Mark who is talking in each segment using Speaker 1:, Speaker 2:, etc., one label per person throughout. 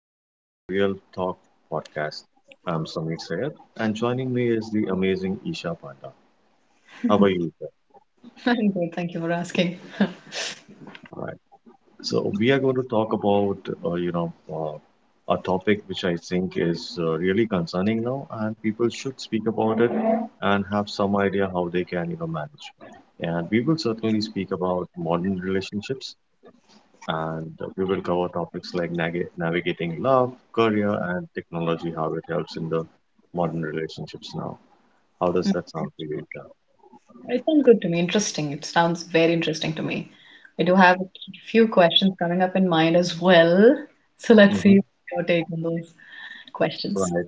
Speaker 1: Welcome to the Real Talk podcast. I'm Samir Sayed, and joining me is the amazing Isha Panda. How are you, Isha?
Speaker 2: I'm good, thank you for asking.
Speaker 1: All right. So we are going to talk about, a topic which I think is really concerning now, and people should speak about it and have some idea how they can, manage. And we will certainly speak about modern relationships, and we will cover topics like navigating love, career, and technology, how it helps in the modern relationships now. How does that sound to you, Isha?
Speaker 2: It sounds good to me, interesting. It sounds very interesting to me. I do have a few questions coming up in mind as well. So let's
Speaker 1: Hmm.
Speaker 2: see your take on those questions.
Speaker 1: Right.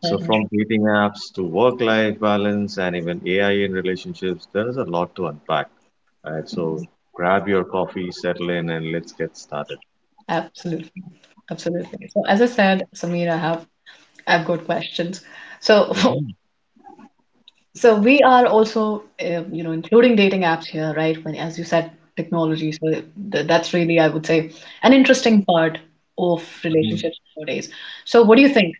Speaker 1: So
Speaker 2: uh
Speaker 1: from dating apps to work-life balance and even AI in relationships, there is a lot to unpack. Right. So grab your coffee, settle in, and let's get started.
Speaker 2: Absolutely. Absolutely. So as I said, Samir, I've got questions. So
Speaker 1: Hmm.
Speaker 2: so we are also you know, including dating apps here, right? When as you said, technology. So th that's really, I would say, an interesting part of
Speaker 1: Hmm.
Speaker 2: relationships nowadays. So what do you think?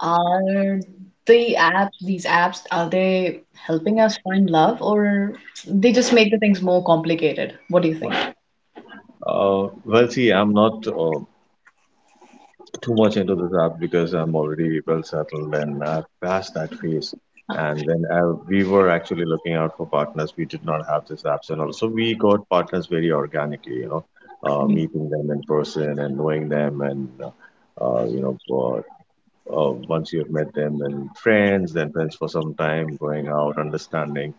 Speaker 2: Are the apps, these apps, are they helping us find love, or they just make the things more complicated? What do you think?
Speaker 1: Well, see, I'm not too much into this app because I'm already well settled and I've passed that phase. And we were actually looking out for partners, we did not have this apps, and also we got partners very organically, you know, meeting them in person and knowing them, and, know, uh, once you've met them, then friends for some time, going out, understanding.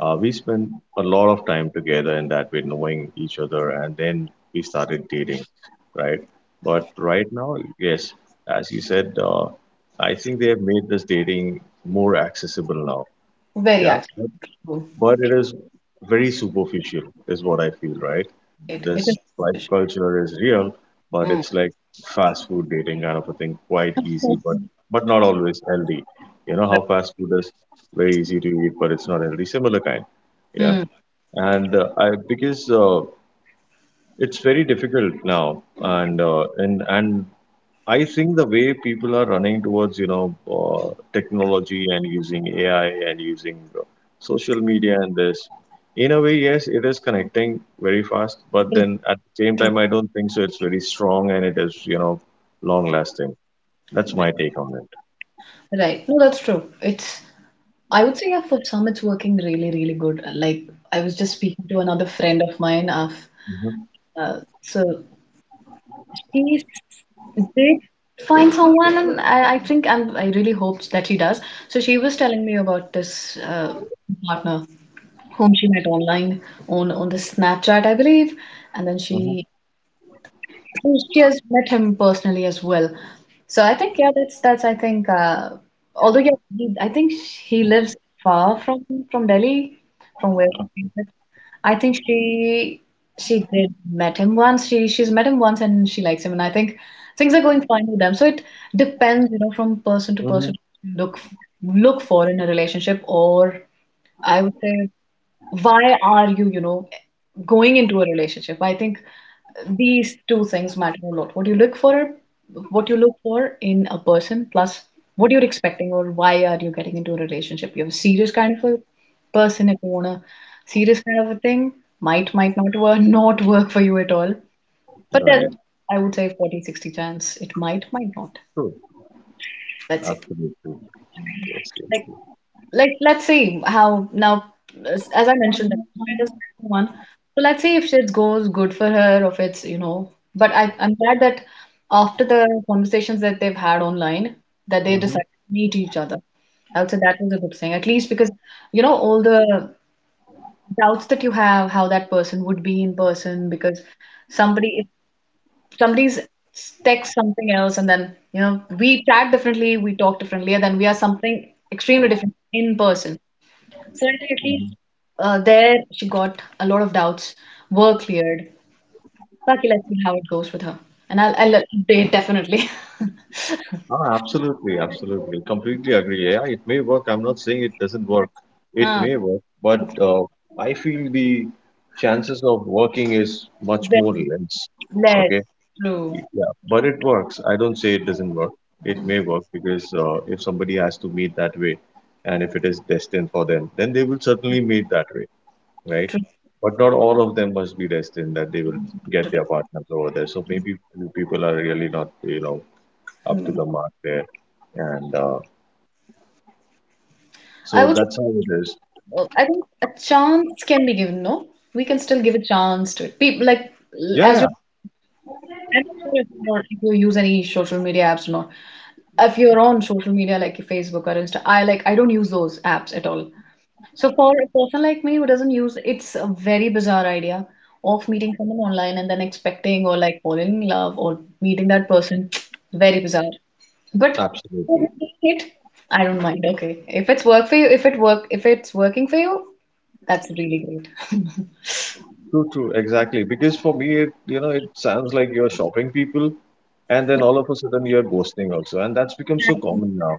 Speaker 1: We spent a lot of time together in that way, knowing each other, and then we started dating, right? But right now, yes, as you said, I think they have made this dating more accessible now.
Speaker 2: Very
Speaker 1: Yeah,
Speaker 2: actually.
Speaker 1: but it is very superficial is what I feel, right?
Speaker 2: It
Speaker 1: This
Speaker 2: is
Speaker 1: like
Speaker 2: rubbish.
Speaker 1: culture is real, but
Speaker 2: Mm.
Speaker 1: it's like fast food dating kind of a thing, quite easy, but not always healthy. You know how
Speaker 2: Right.
Speaker 1: fast food is very easy to eat but it's not healthy, similar kind. Yeah.
Speaker 2: Mm.
Speaker 1: And I because it's very difficult now, and I think the way people are running towards, you know, technology and using AI and using social media and this, in a way, yes, it is connecting very fast, but
Speaker 2: True.
Speaker 1: then at the same
Speaker 2: True.
Speaker 1: time, I don't think so. It's very strong and it is, you know, long lasting. That's my take on it.
Speaker 2: Right. No, that's true. It's, I would say yeah, for some it's working really, really good. Like I was just speaking to another friend of mine
Speaker 1: Hmm.
Speaker 2: uh, so He did find someone, and I think I really hope that she does. So she was telling me about this partner whom she met online on the Snapchat, I believe, and then
Speaker 1: Hmm.
Speaker 2: she has met him personally as well. So I think yeah, that's I think although yeah, I think he lives far from Delhi, from where we came. I think she did met him once. She's met him once and she likes him, and I think things are going fine with them. So it depends, you know, from person to
Speaker 1: Hmm.
Speaker 2: person. Look f- Look for in a relationship, or I would say, why are you, you know, going into a relationship? I think these two things matter a lot. What you look for, in a person, plus what you're expecting, or why are you getting into a relationship? You're a serious kind of a person. If you want a serious kind of a thing, might not work, not work for you at all. But there's,
Speaker 1: Right.
Speaker 2: I would say 40, 60 chance it might not.
Speaker 1: True.
Speaker 2: Let's see.
Speaker 1: Absolutely. Yes.
Speaker 2: Like, let's see how now, as I mentioned, that Shreyas is the one, so let's see if it goes good for her or if it's, you know. But I I'm glad that after the conversations that they've had online, that they decided to meet each other. I would say that was a good thing, at least because, you know, all the doubts that you have, how that person would be in person, because somebody if somebody's text something else, and then, you know, we chat differently, we talk differently, and then we are something extremely different in person. So at least
Speaker 1: Hmm.
Speaker 2: there she got a lot of doubts were cleared. Lucky, let's see how it goes with her. And I'll update definitely.
Speaker 1: Ah, absolutely, absolutely. Completely agree. Yeah, it may work. I'm not saying it doesn't work. It
Speaker 2: Huh.
Speaker 1: may work, but I feel the chances of working is much more
Speaker 2: Very
Speaker 1: less.
Speaker 2: less.
Speaker 1: Okay.
Speaker 2: True.
Speaker 1: Yeah, but it works. I don't say it doesn't work. It may work because if somebody has to meet that way, and if it is destined for them, then they will certainly meet that way, right?
Speaker 2: True.
Speaker 1: But not all of them must be destined that they will get their partners over there. So maybe few people are really not, you know, up to
Speaker 2: Hmm.
Speaker 1: the mark there. And
Speaker 2: I
Speaker 1: so
Speaker 2: would,
Speaker 1: that's how it is.
Speaker 2: I think a chance can be given, no? We can still give a chance to it. People like
Speaker 1: Yeah,
Speaker 2: as
Speaker 1: yeah,
Speaker 2: you, I'm not sure if you're, if you use any social media apps or not. If you're on social media like your Facebook or Insta, I like I don't use those apps at all. So for a person like me who doesn't use, it's a very bizarre idea of meeting someone online and then expecting, or like falling in love or meeting that person. Very bizarre. But
Speaker 1: absolutely.
Speaker 2: it, I don't mind. Okay, if it's work for you, if it's working for you, that's really great.
Speaker 1: True, true, exactly. Because for me, it, you know, it sounds like you're shopping people, and then all of a sudden you're ghosting also, and that's become so common now.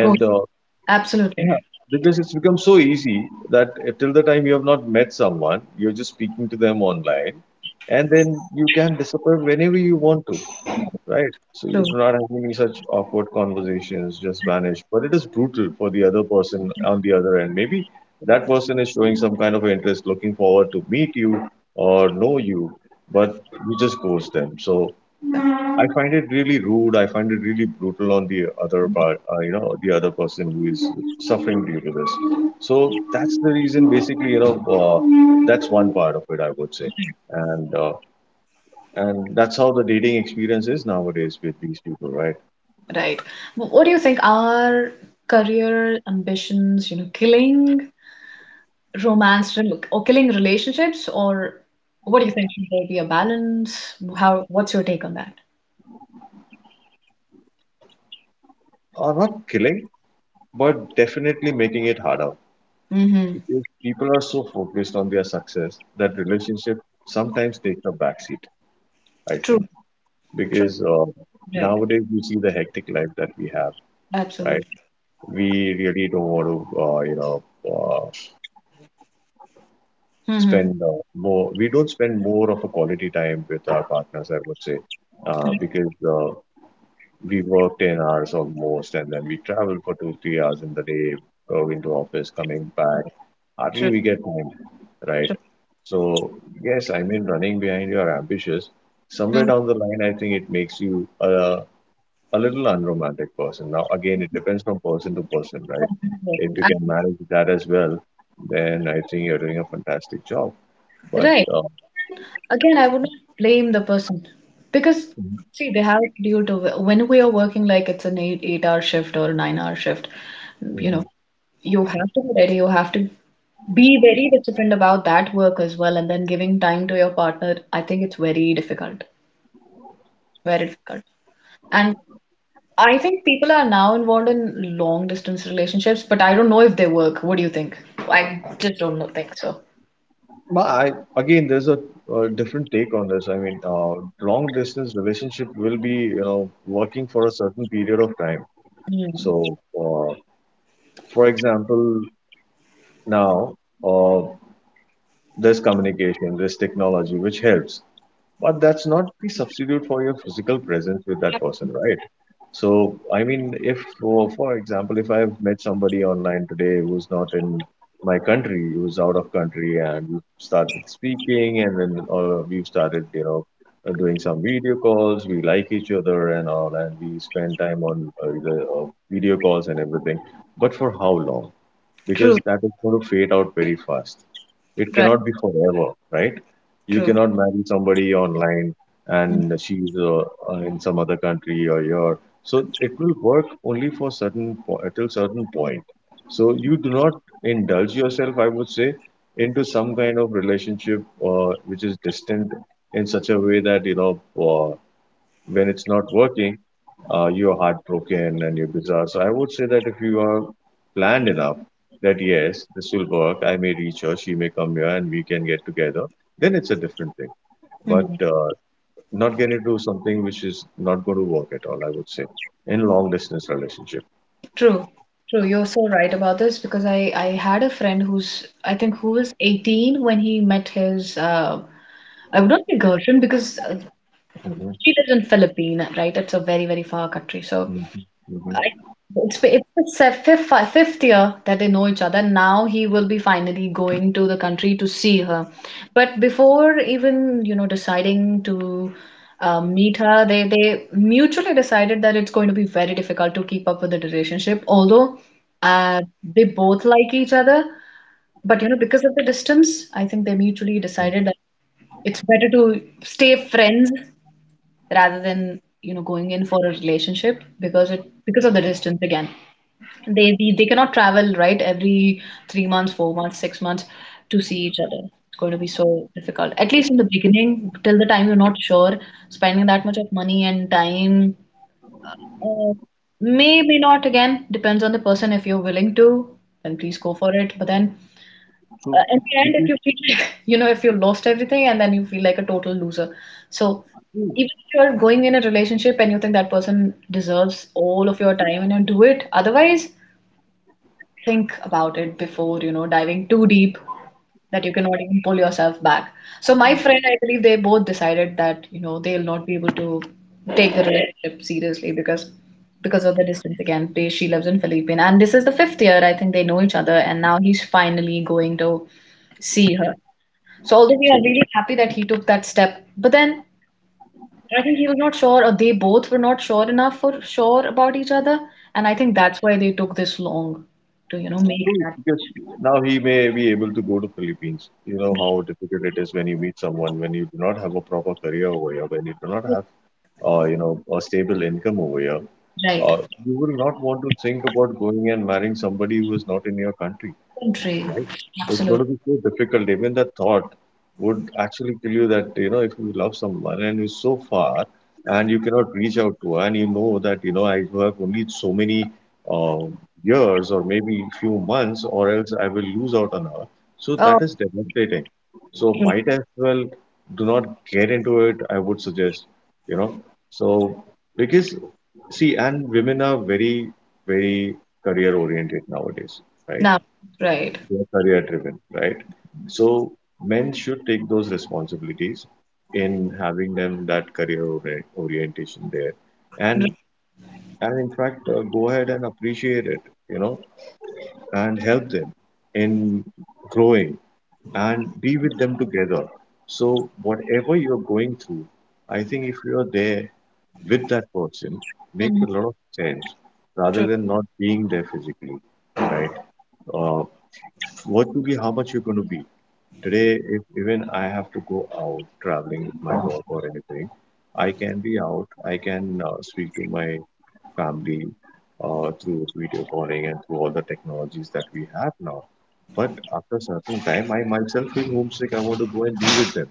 Speaker 2: Go. Absolutely.
Speaker 1: yeah, because it's become so easy that till the time you have not met someone, you're just speaking to them online, and then you can disappear whenever you want to. Right. So you
Speaker 2: True.
Speaker 1: do not have any such awkward conversations, just vanish. But it is brutal for the other person on the other end. Maybe that person is showing some kind of interest, looking forward to meet you or know you, but you just ghost them. So
Speaker 2: Yeah.
Speaker 1: I find it really rude. I find it really brutal on the other part, you know, the other person who is suffering due to this. So that's the reason, basically, you know, that's one part of it, I would say. And uh, and that's how the dating experience is nowadays with these people, right?
Speaker 2: Right. What do you think? Are career ambitions, you know, killing or killing relationships, or what do you think? Should there be a balance? How, what's your take on that?
Speaker 1: Are not killing, but definitely making it harder,
Speaker 2: Mm-hmm.
Speaker 1: because people are so focused on their success that relationship sometimes takes a backseat, I
Speaker 2: True,
Speaker 1: think.
Speaker 2: true,
Speaker 1: Because
Speaker 2: right,
Speaker 1: nowadays you see the hectic life that we have, right?
Speaker 2: absolutely.
Speaker 1: We really don't want to, uh,
Speaker 2: Mm-hmm.
Speaker 1: spend more we don't spend more of a quality time with our partners, I would say,
Speaker 2: Right.
Speaker 1: because we worked 10 hours almost, and then we traveled for 2 3 hours in the day going to office, coming back, hardly
Speaker 2: True,
Speaker 1: we get time, right?
Speaker 2: true.
Speaker 1: So yes, I mean, running behind your ambitious, somewhere
Speaker 2: Mm.
Speaker 1: down the line I think it makes you a little unromantic person. Now again, it depends from person to person, right? If you can manage that as well, then I think you're doing a fantastic job, but
Speaker 2: Right. Again, I would not blame the person, because see, they have due to when we are working like it's an eight hour shift or a 9 hour shift, you
Speaker 1: Mhm.
Speaker 2: know, you have to be ready, you have to be very disciplined about that work as well, and then giving time to your partner. I think it's very difficult, very difficult. And I think people are now involved in long distance relationships, but I don't know if they work. What do you think? I just don't know, think so.
Speaker 1: I, again, there's a, uh, different take on this. I mean, long distance relationship will be, you know, working for a certain period of time.
Speaker 2: Hmm.
Speaker 1: So, for example, now uh, there's communication, there's technology which helps, but that's not the substitute for your physical presence with that
Speaker 2: Yep.
Speaker 1: person, right? So, I mean, if, for example, if I've met somebody online today who's not in my country, who's out of country, and we started speaking, and then we've started, you know, doing some video calls, we like each other and all, and we spend time on the video calls and everything. But for how long?
Speaker 2: True,
Speaker 1: Because that is going to fade out very fast. It
Speaker 2: right,
Speaker 1: cannot be forever, right? You
Speaker 2: true.
Speaker 1: cannot marry somebody online
Speaker 2: Mm,
Speaker 1: and she's in some other country or your. So it will work only for till certain point. So you do not indulge yourself, I would say, into some kind of relationship which is distant in such a way that, when it's not working, you're heartbroken and you're bizarre. So I would say that if you are planned enough that yes, this will work, I may reach her, she may come here, and we can get together, then it's a different thing. But
Speaker 2: mm.
Speaker 1: not get into something which is not going to work at all, I would say, in long distance relationship.
Speaker 2: True, true. You're so right about this, because I had a friend who's, I think, who was 18 when he met his I would not say girlfriend because
Speaker 1: Mhm,
Speaker 2: she lives in Philippines, right? It's a very, very far country. So
Speaker 1: mhm, mhm,
Speaker 2: I, it's the fifth year that they know each other. Now he will be finally going to the country to see her. But before even, you know, deciding to meet her, they mutually decided that it's going to be very difficult to keep up with the relationship. Although uh, they both like each other, but you know, because of the distance, I think they mutually
Speaker 1: mhm.
Speaker 2: decided that it's better to stay friends rather than, you know, going in for a relationship, because it because of the distance again, they cannot travel right every 3 months, 4 months, 6 months to see each other. It's going to be so difficult, at least in the beginning, till the time you're not sure spending that much of money and time. uh, may not, again, depends on the person. If you're willing to, then please go for it. But then,
Speaker 1: So,
Speaker 2: in the end,
Speaker 1: which
Speaker 2: if you feel like, you know, if you lost everything and then you feel like a total loser. So
Speaker 1: is
Speaker 2: even if you're going in a relationship and you think that person deserves all of your time and you do it, otherwise, think about it before, you know, diving too deep, that you cannot even pull yourself back. So my friend, I believe they both decided that, you know, they'll not be able to take the relationship seriously, because of the distance again. They, she lives in Philippines, and this is the fifth year, I think, they know each other, and now he's finally going to see her. So although we are
Speaker 1: true.
Speaker 2: really happy that he took that step, but then I think he was not sure, or they both were not sure enough for sure about each other, and I think that's why they took this long to, you know, make
Speaker 1: True,
Speaker 2: that
Speaker 1: because now he may be able to go to Philippines. You know how difficult it is when you meet someone, when you do not have a proper career over here, when you do not have, you know, a stable income over here.
Speaker 2: right.
Speaker 1: Uh, you will not want to think about going and marrying somebody who is not in your country,
Speaker 2: Country,
Speaker 1: right? It's going to
Speaker 2: absolutely.
Speaker 1: be so difficult. Even the thought would actually tell you that, you know, if you love someone and you're so far and you cannot reach out to her, and you know that, you know, I have only so many uh, years, or maybe few months, or else I will lose out on her. So
Speaker 2: Oh,
Speaker 1: that is devastating. So
Speaker 2: true.
Speaker 1: might as well do not get into it, I would suggest, you know. So because see, and women are very, very career oriented nowadays, right?
Speaker 2: Now, right.
Speaker 1: They are career driven, right? So men should take those responsibilities in having them that orientation there,
Speaker 2: Right.
Speaker 1: and in fact go ahead and appreciate it, you know, and help them in growing and be with them together. So whatever you're going through, I think if you're there with that person, makes
Speaker 2: Mhm.
Speaker 1: a lot of sense rather
Speaker 2: True,
Speaker 1: than not being there physically, right? Uh, how much you're going to be. Today, if even I have to go out traveling with my work or anything, I can be out. I can speak to my family through video calling and through all the technologies that we have now. But after a certain time, I myself feel homesick. I want to go and be with them.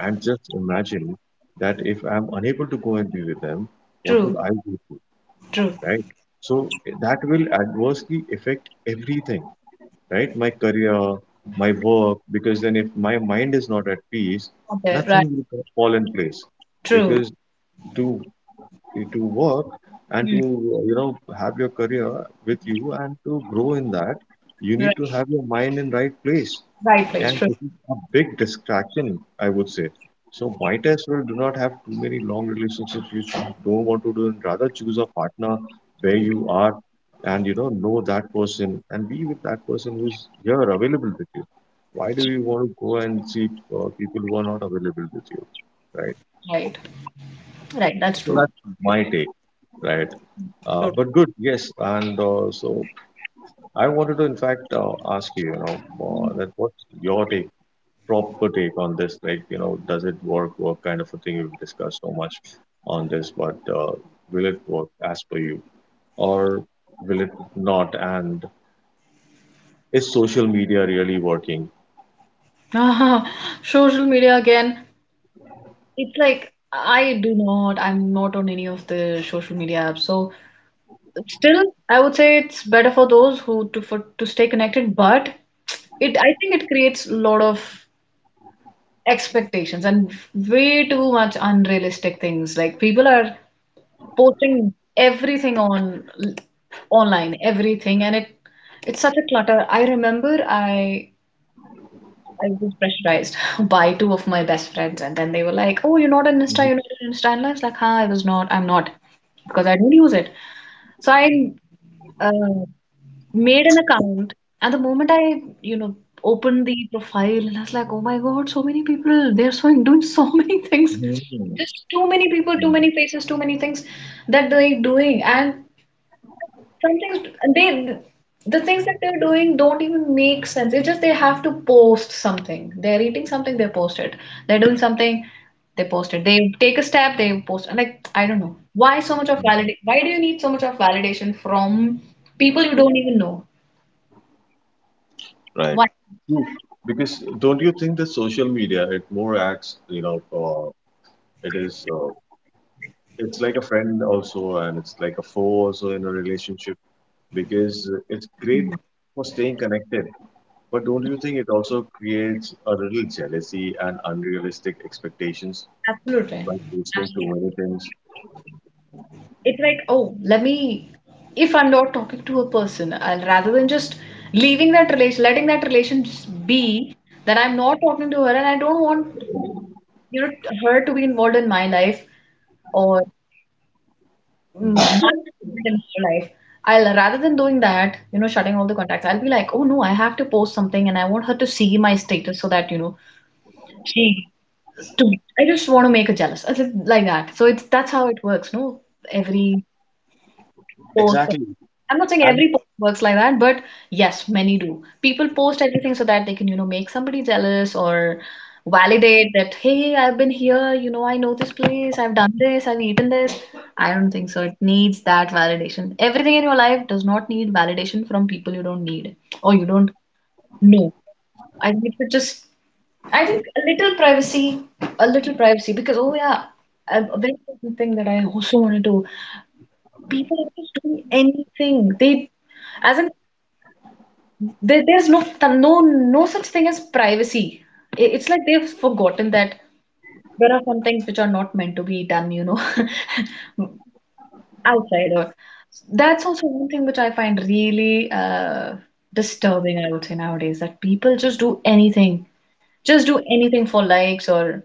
Speaker 1: And just imagine that if I'm unable to go and be with them, what
Speaker 2: true,
Speaker 1: would I do?
Speaker 2: true.
Speaker 1: Right? So that will adversely affect everything, right? My career, my work, because then if my mind is not at peace,
Speaker 2: Okay,
Speaker 1: nothing
Speaker 2: right.
Speaker 1: will co- fall in place.
Speaker 2: True.
Speaker 1: Because to to work and to,
Speaker 2: Mm.
Speaker 1: you know, have your career with you and to grow in that, you
Speaker 2: Right.
Speaker 1: need to have your mind in right place,
Speaker 2: Right place.
Speaker 1: and
Speaker 2: True.
Speaker 1: this is a big distraction, I would say. So might as well do not have too many long relationships which you don't want to do, and rather choose a partner where you are and you know that person and be with that person who's here available with you. Why do you want to go and seek people who are not available with you, right?
Speaker 2: Right. Right. That's
Speaker 1: So
Speaker 2: true.
Speaker 1: that's my
Speaker 2: Right.
Speaker 1: take, right?
Speaker 2: True.
Speaker 1: But good, yes, and so I wanted to in fact ask you, you know, that what's your take? Proper take on this, like, you know, does it work kind of a thing. We've discussed so much on this, but will it work as per you, or will it not? And is social media really working?
Speaker 2: Ah, social media again. It's like I do not, I'm not on any of the social media apps. So still, I would say it's better for those who to for to stay connected, but it I think it creates a lot of expectations and way too much unrealistic things. Like people are posting everything on online, everything, and it's such a clutter. I remember I was pressurized by two of my best friends, and then they were like, "Oh, you're not on Insta,
Speaker 1: Mhm.
Speaker 2: you're not on Insta." And I was like, "Huh, I was not. I'm not because I don't use it." So I uh, made an account, and the moment I, you know, opened the profile, and I was like, "Oh my God, so many people! They're so doing so many things.
Speaker 1: Mhm.
Speaker 2: Just too many people, too many faces, too many things that they're doing." And sometimes they the things that they're doing don't even make sense. It's just they have to post something, they're eating something, they post it, they're doing something, they post it, they take a step, they post it. Like, I don't know why so much of
Speaker 1: Mhm.
Speaker 2: validation, why do you need so much of validation from people you don't even know,
Speaker 1: Right.
Speaker 2: why?
Speaker 1: True. Because don't you think that social media, it more acts, you know uh, it is, it's like a friend also, and it's like a foe also in a relationship? Because it's great for staying connected. But don't you think it also creates a little jealousy and unrealistic expectations
Speaker 2: Absolutely,
Speaker 1: by posting too
Speaker 2: absolutely.
Speaker 1: many things?
Speaker 2: It's like, oh, let me, if I'm not talking to a person, I'll, rather than just leaving that relation, letting that relation just be, that I'm not talking to her and I don't want, you know, her to be involved in my life or, mm,
Speaker 1: Mhm.
Speaker 2: my involvement in her life. I'll, rather than doing that, you know, shutting all the contacts, I'll be like, oh no, I have to post something and I want her to see my status so that, you know, she to I just want to make her jealous. I just like that. So it's that's how it works, no? Every post.
Speaker 1: Exactly.
Speaker 2: I'm not saying
Speaker 1: And
Speaker 2: every post works like that, but yes, many do. People post everything so that they can, you know, make somebody jealous or validate that, hey, I've been here, you know, I know this place, I've done this, I've eaten this. I don't think so. It needs that validation. Everything in your life does not need validation from people you don't need or you don't know. I think it should just, I think a little privacy, because oh yeah, a very important thing that I also wanted to people are just doing anything. They, as in, there's no such thing as privacy. It's like they've forgotten that there are some things which are not meant to be done, you know, outside. Or that's also one thing which I find really disturbing. I would say nowadays that people just do anything for likes or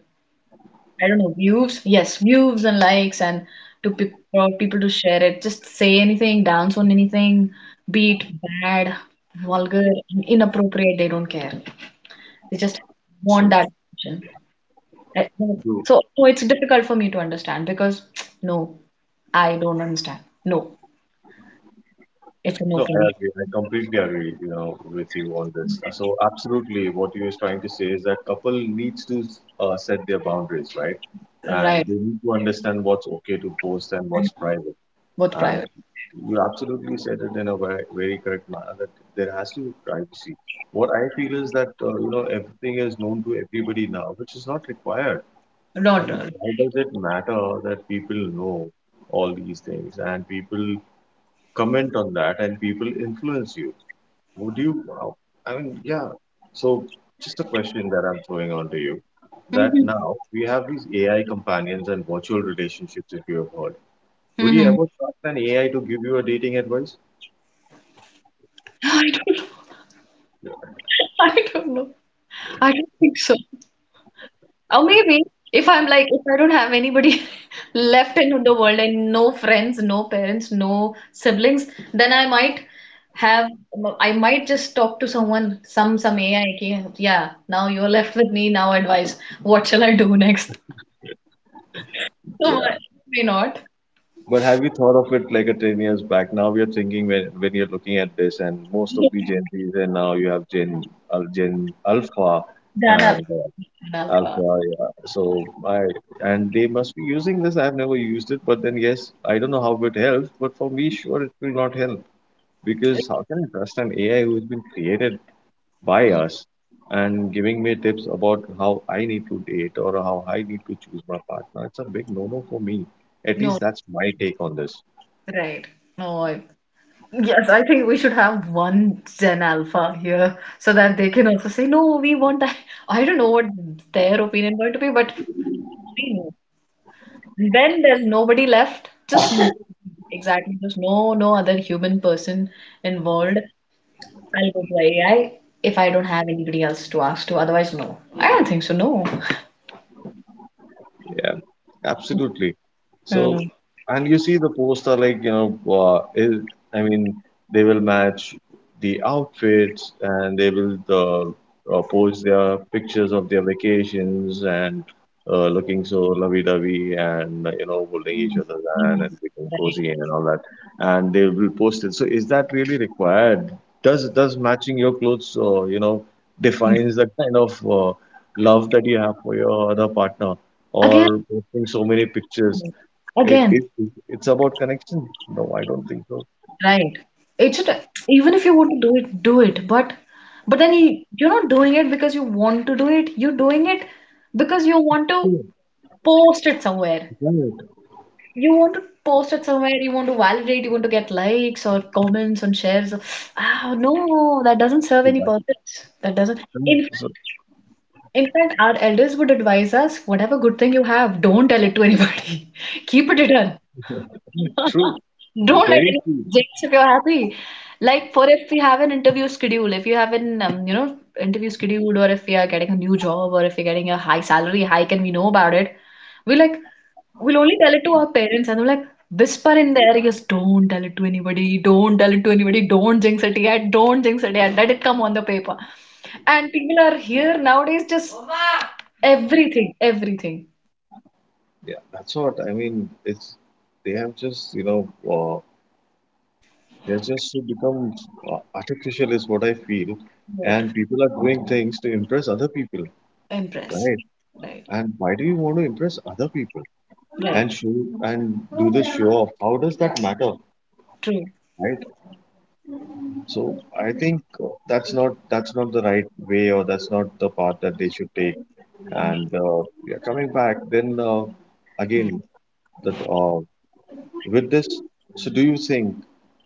Speaker 2: I don't know, views. Yes, views and likes and to pe for people to share it. Just say anything, dance on anything, be it bad, vulgar, inappropriate. They don't care. They just want
Speaker 1: true.
Speaker 2: that attention. I-
Speaker 1: True.
Speaker 2: so it's difficult for me to understand because no, I don't understand. No, it's a
Speaker 1: No,
Speaker 2: no for
Speaker 1: I
Speaker 2: me.
Speaker 1: agree. I completely agree, you know, with you on this. So absolutely, what you is trying to say is that couple needs to set their boundaries, right? And
Speaker 2: Right,
Speaker 1: they need to understand what's okay to post and what's private.
Speaker 2: both
Speaker 1: Uh,
Speaker 2: private.
Speaker 1: you absolutely said it in a very, very correct manner that there has to be privacy. What I feel is that you know, everything is known to everybody now, which is not required.
Speaker 2: Not.
Speaker 1: And why does it matter that people know all these things, and people comment on that, and people influence you? Would you? Yeah. So just a question that I'm throwing on to you. That
Speaker 2: Mm-hmm.
Speaker 1: now we have these AI companions and virtual relationships, if you have heard, would you
Speaker 2: Mm-hmm.
Speaker 1: ever trust an AI to give you a dating advice?
Speaker 2: I don't, I don't know. I don't think so. Or maybe if I'm like, if I don't have anybody left in the world and no friends, no parents, no siblings, then have, I might just talk to someone, some AI. Ki, Yeah, now you're left with me. Now advice. What shall I do next? So
Speaker 1: Yeah.
Speaker 2: why not?
Speaker 1: But have you thought of it like a 10 years back? Now we are thinking when you're looking at this, and most of the Gen Zs, and now you have Gen Alpha,
Speaker 2: Done.
Speaker 1: and
Speaker 2: Done alpha.
Speaker 1: Alpha. Yeah. So I and they must be using this. I've never used it, but then yes, I don't know how it helps. But for me, sure, it will not help because how can I trust an AI who has been created by
Speaker 2: Mm,
Speaker 1: us and giving me tips about how I need to date or how I need to choose my partner? It's a big no no for me. At
Speaker 2: No,
Speaker 1: least that's my take on this.
Speaker 2: right. No, I Yes, I think we should have one Gen Alpha here so that they can also say, no, we want that. I don't know what their opinion going to be, but we know. When there's nobody left, just no- exactly, just no, no other human person involved. I'll go to AI if I don't have anybody else to ask to. Otherwise, no. I don't think so, no.
Speaker 1: Yeah, absolutely. So,
Speaker 2: Mm.
Speaker 1: and you see, the posts are like, you know, I mean, they will match the outfits, and they will post their pictures of their vacations, and looking so lovey-dovey and, you know, holding each other's hand
Speaker 2: Mm.
Speaker 1: and being
Speaker 2: Right.
Speaker 1: cozy and all that. And they will post it. So, is that really required? Does matching your clothes, defines the kind of love that you have for your other partner?
Speaker 2: Again,
Speaker 1: Or posting so many pictures? It,
Speaker 2: again.
Speaker 1: it, it- it's about connection. No, I don't think so.
Speaker 2: Right. It's a, even if you want to do it, do it. But you're not doing it because you want to do it. You're doing it because you want to
Speaker 1: True.
Speaker 2: post it somewhere.
Speaker 1: Right.
Speaker 2: You want to post it somewhere. You want to validate. You want to get likes or comments and shares. Ah, no, that doesn't serve any
Speaker 1: That's
Speaker 2: purpose. That doesn't.
Speaker 1: correct.
Speaker 2: In
Speaker 1: So,
Speaker 2: fact, in fact, our elders would advise us, whatever good thing you have, don't tell it to anybody. Keep it hidden.
Speaker 1: true.
Speaker 2: Don't let
Speaker 1: Very
Speaker 2: anyone
Speaker 1: true.
Speaker 2: jinx if you're happy. Like for if we have an interview schedule, if you have an you know interview scheduled, or if we are getting a new job, or if we're getting a high salary hike and we know about it, we like we'll only tell it to our parents and they're like whisper in their ears, don't tell it to anybody, don't tell it to anybody, don't jinx it yet, don't jinx it yet, let it come on the paper. And people are here nowadays just everything, everything.
Speaker 1: Yeah, that's what I mean. It's, they have just, you know, they're just so become artificial, is what I feel,
Speaker 2: What
Speaker 1: and people are doing things to impress other people,
Speaker 2: impress.
Speaker 1: right?
Speaker 2: Right.
Speaker 1: And why do you want to impress other people
Speaker 2: Right.
Speaker 1: and show and do the show off? How does that matter,
Speaker 2: True.
Speaker 1: right? So I think that's not the right way, or that's not the path that they should take.
Speaker 2: I-
Speaker 1: And Yeah, coming back, then
Speaker 2: hmm.
Speaker 1: again, that with this, so do you think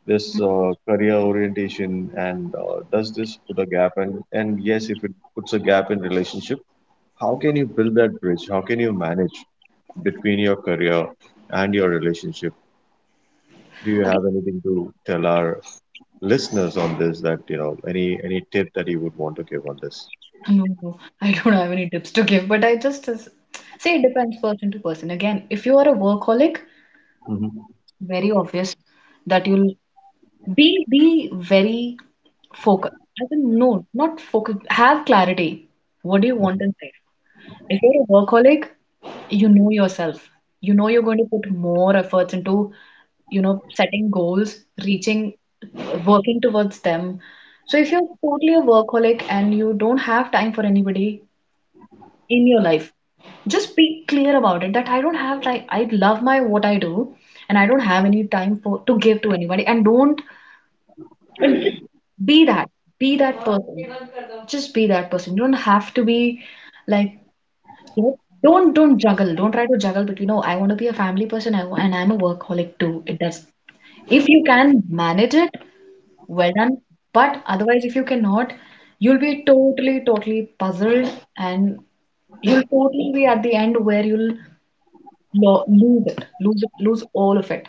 Speaker 1: this career orientation, and does this put a gap? And yes, if it puts a gap in relationship, how can you build that bridge? How can you manage between your career and your relationship? Do you
Speaker 2: Again,
Speaker 1: have anything to tell our listeners on this, that you know, any tip that you would want to give on this?
Speaker 2: No, I don't have any tips to give, but I just say it depends person to person. Again, if you are a workaholic,
Speaker 1: Hmm.
Speaker 2: very obvious that you'll be very focused. I mean, no, not focus. Have clarity. What do you want
Speaker 1: Hmm.
Speaker 2: in life? If you're a workaholic, you know yourself. You know you're going to put more efforts into, you know, setting goals, reaching, working towards them. So if you're totally a workaholic and you don't have time for anybody, in your life just be clear about it that I don't have like I love my what I do and I don't have any time for to give to anybody and don't and just be that be that person just be that person you don't have to be like you know, don't juggle don't try to juggle but you know I want to be a family person and I'm a workaholic too it does if you can manage it well done but otherwise if you cannot you'll be totally puzzled and you'll totally be at the end where you'll lo lose it, lose it, lose all of it.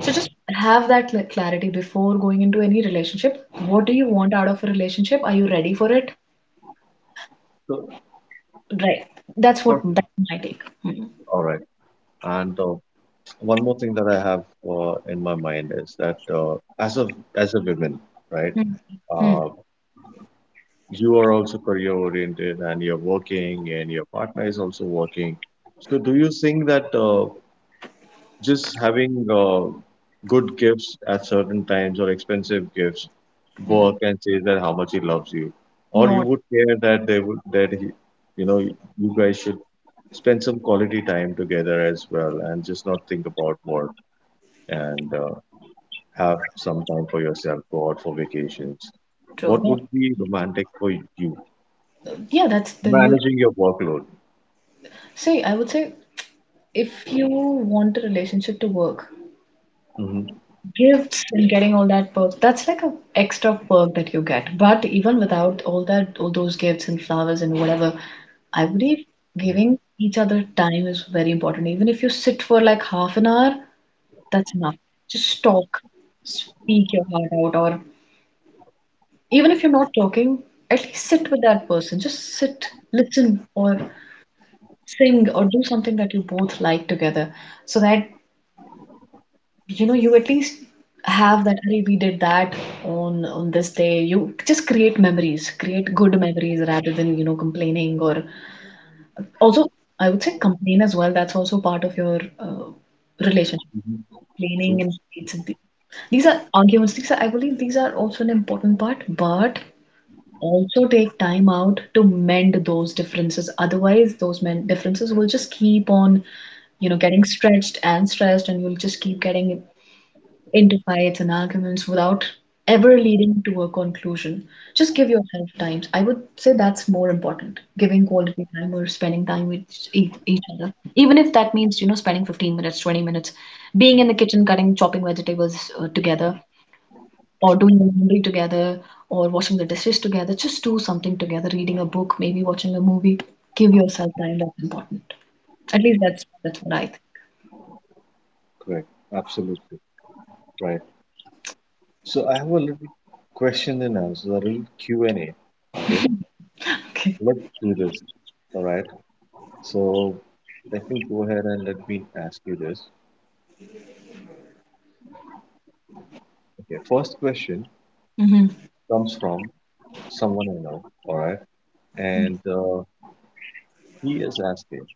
Speaker 2: So just have that clarity before going into any relationship. What do you want out of a relationship? Are you ready for it?
Speaker 1: So
Speaker 2: Right.
Speaker 1: perfect.
Speaker 2: That's my take. Hmm.
Speaker 1: All right. and One more thing that I have in my mind is that, as a woman, right,
Speaker 2: Hmm. Hmm.
Speaker 1: uh, you are also career oriented, and you're working, and your partner is also working, so do you think that just having good gifts at certain times, or expensive gifts, work, and says that how much he loves you? Or you
Speaker 2: Not
Speaker 1: would care that they would, you know, you guys should spend some quality time together as well, and just not think about work, and have some time for yourself, go out for vacations.
Speaker 2: true.
Speaker 1: What
Speaker 2: No.
Speaker 1: would be romantic for you?
Speaker 2: Yeah, that's the you.
Speaker 1: Managing your workload.
Speaker 2: See, I would say if you want a relationship to work,
Speaker 1: Hmm.
Speaker 2: gifts and getting all that perk that's like a extra perk that you get but even without all that all those gifts and flowers and whatever I believe giving each other time is very important even if you sit for like half an hour that's enough just talk speak your heart out or even if you're not talking at least sit with that person just sit listen or sing or do something that you both like together so that you know you at least have that hey we did that on this day you just create memories create good memories rather than you know complaining or also I would say complain as well that's also part of your relationship
Speaker 1: Hmm.
Speaker 2: complaining
Speaker 1: True.
Speaker 2: and it's these are arguments these are I believe these are also an important part but also take time out to mend those differences otherwise those men differences will just keep on you know getting stretched and stressed and you'll just keep getting into fights and arguments without ever leading to a conclusion. Just give yourself time. I would say that's more important, giving quality time or spending time with each other. Even if that means, you know, spending 15 minutes, 20 minutes, being in the kitchen, cutting, chopping vegetables together, or doing the laundry together, or washing the dishes together. Just do something together, reading a book, maybe watching a movie. Give yourself time. That's important. At least that's what I think.
Speaker 1: Correct. Absolutely. Right. So I have a little question and answer, a little Q and A. Okay,
Speaker 2: Okay.
Speaker 1: let's do this. All right. So let me go ahead and let me ask you this. Okay. First question
Speaker 2: hmm
Speaker 1: comes from someone I know. All right, and he is asking,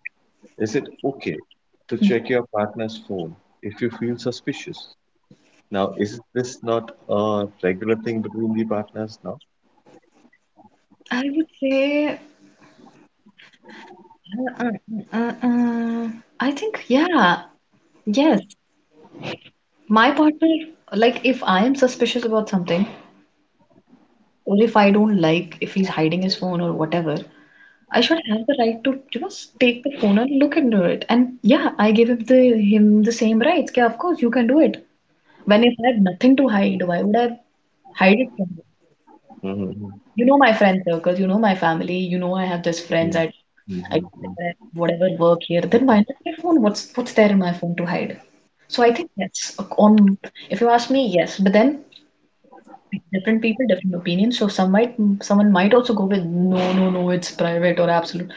Speaker 1: is it okay to check your partner's phone if you feel suspicious? Now, is this not a regular thing between the partners now?
Speaker 2: I would say Uh, uh, uh, uh, I think, yeah, yes. My partner, like, if I am suspicious about something, or if I don't like, if he's hiding his phone or whatever, I should have the right to, you know, take the phone and look into it. And yeah, I give him the same rights. Yeah, of course you can do it. When if I had nothing to hide, why would I hide it?
Speaker 1: Mm-hmm.
Speaker 2: You know my friend circle, you know my family, you know I have just friends.
Speaker 1: Mm-hmm.
Speaker 2: I
Speaker 1: Mm-hmm.
Speaker 2: whatever work here, then why not my phone? What's there in my phone to hide? So I think yes, on if you ask me, yes. But then different people, different opinions. So some might someone might also go with no, no, no, it's private or absolute.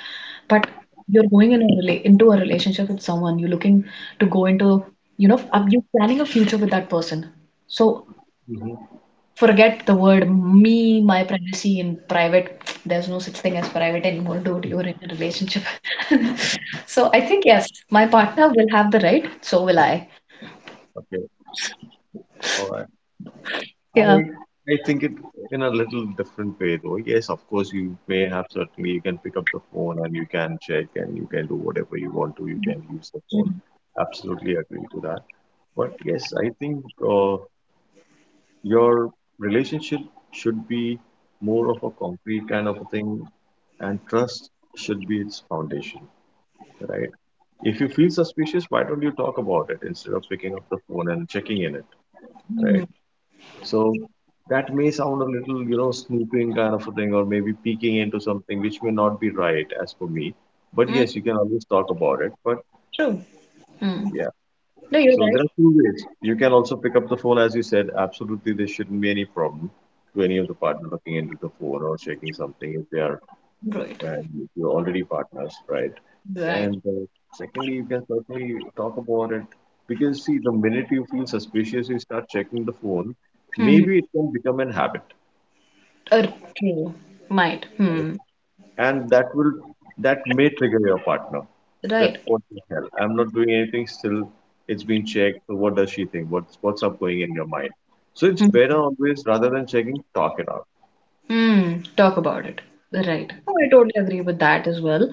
Speaker 2: But you're going in a rela into a relationship with someone. You're looking to go into, you know, are you planning a future with that person. So
Speaker 1: Mm-hmm.
Speaker 2: forget the word me, my privacy in private. There's no such thing as private anymore, dude. You're in a relationship. So I think, yes, my partner will have the right. So will I.
Speaker 1: Okay. All right. I
Speaker 2: Yeah.
Speaker 1: I think it in a little different way, though. Yes, of course you may have, certainly you can pick up the phone and you can check and you can do whatever you want to. You can use the phone.
Speaker 2: Mm,
Speaker 1: Absolutely agree to that. But yes, I think your relationship should be more of a concrete kind of a thing, and trust should be its foundation, right? If you feel suspicious, why don't you talk about it instead of picking up the phone and checking in it, right?
Speaker 2: mm,
Speaker 1: So that may sound a little, you know, snooping kind of a thing, or maybe peeking into something which may not be right as for me. But
Speaker 2: mm,
Speaker 1: yes, you can always talk about it. But
Speaker 2: true. Mm.
Speaker 1: yeah,
Speaker 2: No, you're
Speaker 1: so there are two ways. You can also pick up the phone, as you said. Absolutely, there shouldn't be any problem to any of the partner looking into the phone or checking something if they are,
Speaker 2: right. Right.
Speaker 1: and if you're already partners, right?
Speaker 2: Right.
Speaker 1: And Secondly, you can certainly talk about it, because see, the minute you feel suspicious, you start checking the phone.
Speaker 2: Hmm.
Speaker 1: Maybe it can become an habit,
Speaker 2: Okay. Might.
Speaker 1: right?
Speaker 2: Hmm.
Speaker 1: And that will, that may trigger your partner that
Speaker 2: Right.
Speaker 1: what the hell, I'm not doing anything, still it's being checked. So what does she think? What's up going in your mind? So it's
Speaker 2: Hmm.
Speaker 1: better always rather than checking, talk it out.
Speaker 2: Hmm. Talk about it. Right. Oh, I totally agree with that as well.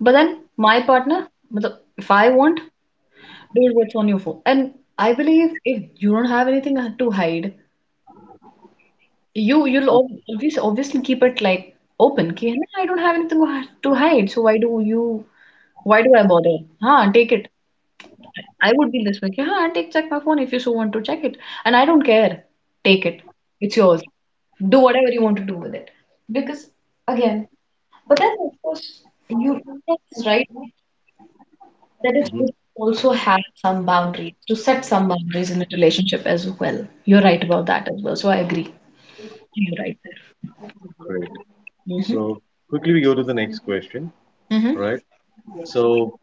Speaker 2: But then my partner, मतलब, if I want, dude, what's on your phone? And I believe if you don't have anything to hide, you'll obviously obviously keep it like open. कि है I don't have anything to hide, so why do I bother? Huh? take it. I would be this way. कि huh? take check my phone if you so want to check it, and I don't care. Take it. It's yours. Do whatever you want to do with it. Because again, but then of course you that's right. That is
Speaker 1: Hmm.
Speaker 2: good. Also have some boundaries to set some boundaries in a relationship as well. You're right about that as well. So I agree. You're right
Speaker 1: Great.
Speaker 2: there. Hmm
Speaker 1: So quickly we go to the next question,
Speaker 2: hmm
Speaker 1: right? So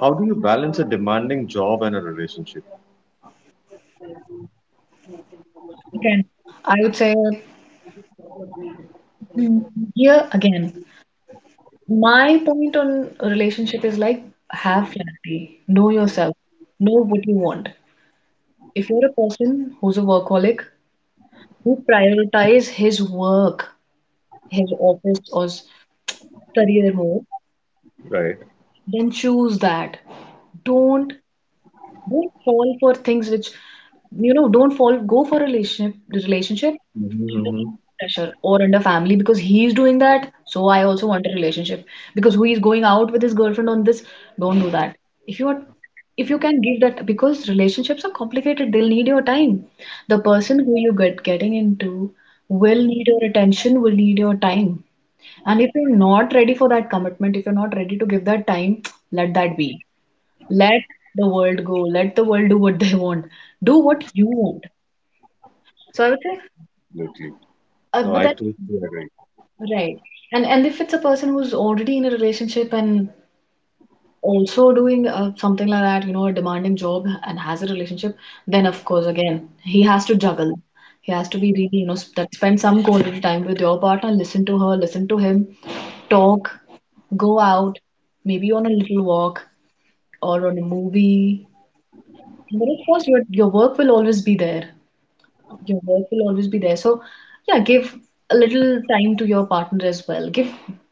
Speaker 1: how do you balance a demanding job and a relationship,
Speaker 2: Again, I would say mm, here again, my point on a relationship is like have clarity, know yourself, know what you want. If you're a person who's a workaholic who prioritize his work, his office or career more,
Speaker 1: right?
Speaker 2: then choose that. Don't Don't fall for things which, you know, don't fall, go for a relationship, under
Speaker 1: Mm-hmm.
Speaker 2: pressure or under family because he's doing that. So I also want a relationship because who is going out with his girlfriend on this? Don't do that. If you are, if you can give that, because relationships are complicated, they'll need your time. The person who you getting into will need your attention, will need your time. And if you're not ready for that commitment, if you're not ready to give that time, let that be. Let the world go. Let the world do what they want. Do what you want. So I would say,
Speaker 1: Absolutely. No,
Speaker 2: But
Speaker 1: I
Speaker 2: then,
Speaker 1: totally agree.
Speaker 2: right. And if it's a person who's already in a relationship and also doing something like that, you know, a demanding job and has a relationship, then of course, again, he has to juggle. He has to be really, you know, sp that spend some quality time with your partner, listen to her, listen to him, talk, go out, maybe on a little walk or on a movie. But of course, your work will always be there. Your work will always be there. So, yeah, give a little time to your partner as well. Give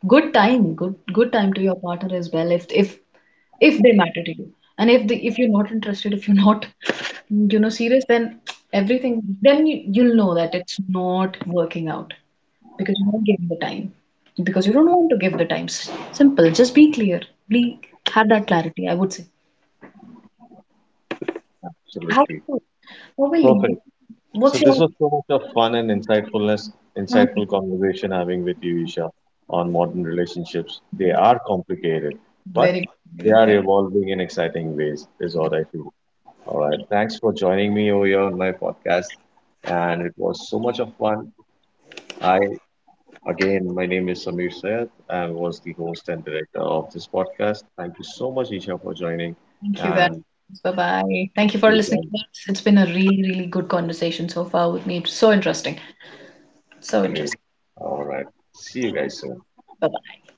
Speaker 2: good good time to your partner as well. If if they matter to you, and if they, if you're not interested, if you're not, you know, serious, then everything then you'll know that it's not working out because you're not giving the time because you don't want to give the time. Simple. Just be clear. Be have that clarity. I would say. How?
Speaker 1: Absolutely.
Speaker 2: How will
Speaker 1: Perfect.
Speaker 2: you?
Speaker 1: So
Speaker 2: What's
Speaker 1: this
Speaker 2: your?
Speaker 1: was so much of fun and insightfulness, insightful conversation having with you, Isha, on modern relationships. They are complicated, but
Speaker 2: Very
Speaker 1: they are
Speaker 2: good.
Speaker 1: evolving in exciting ways, is what I feel. All right. Thanks for joining me over here on my podcast. And it was so much of fun. I, again, my name is Samir Sayed. I was the host and director of this podcast. Thank you so much, Isha, for joining.
Speaker 2: Thank you guys.
Speaker 1: And
Speaker 2: Bye bye. Thank you for
Speaker 1: you
Speaker 2: listening
Speaker 1: guys
Speaker 2: to us. It's been a really, really good conversation so far with me. It's so interesting. So
Speaker 1: are great.
Speaker 2: interesting.
Speaker 1: All right. See you guys soon.
Speaker 2: Bye bye.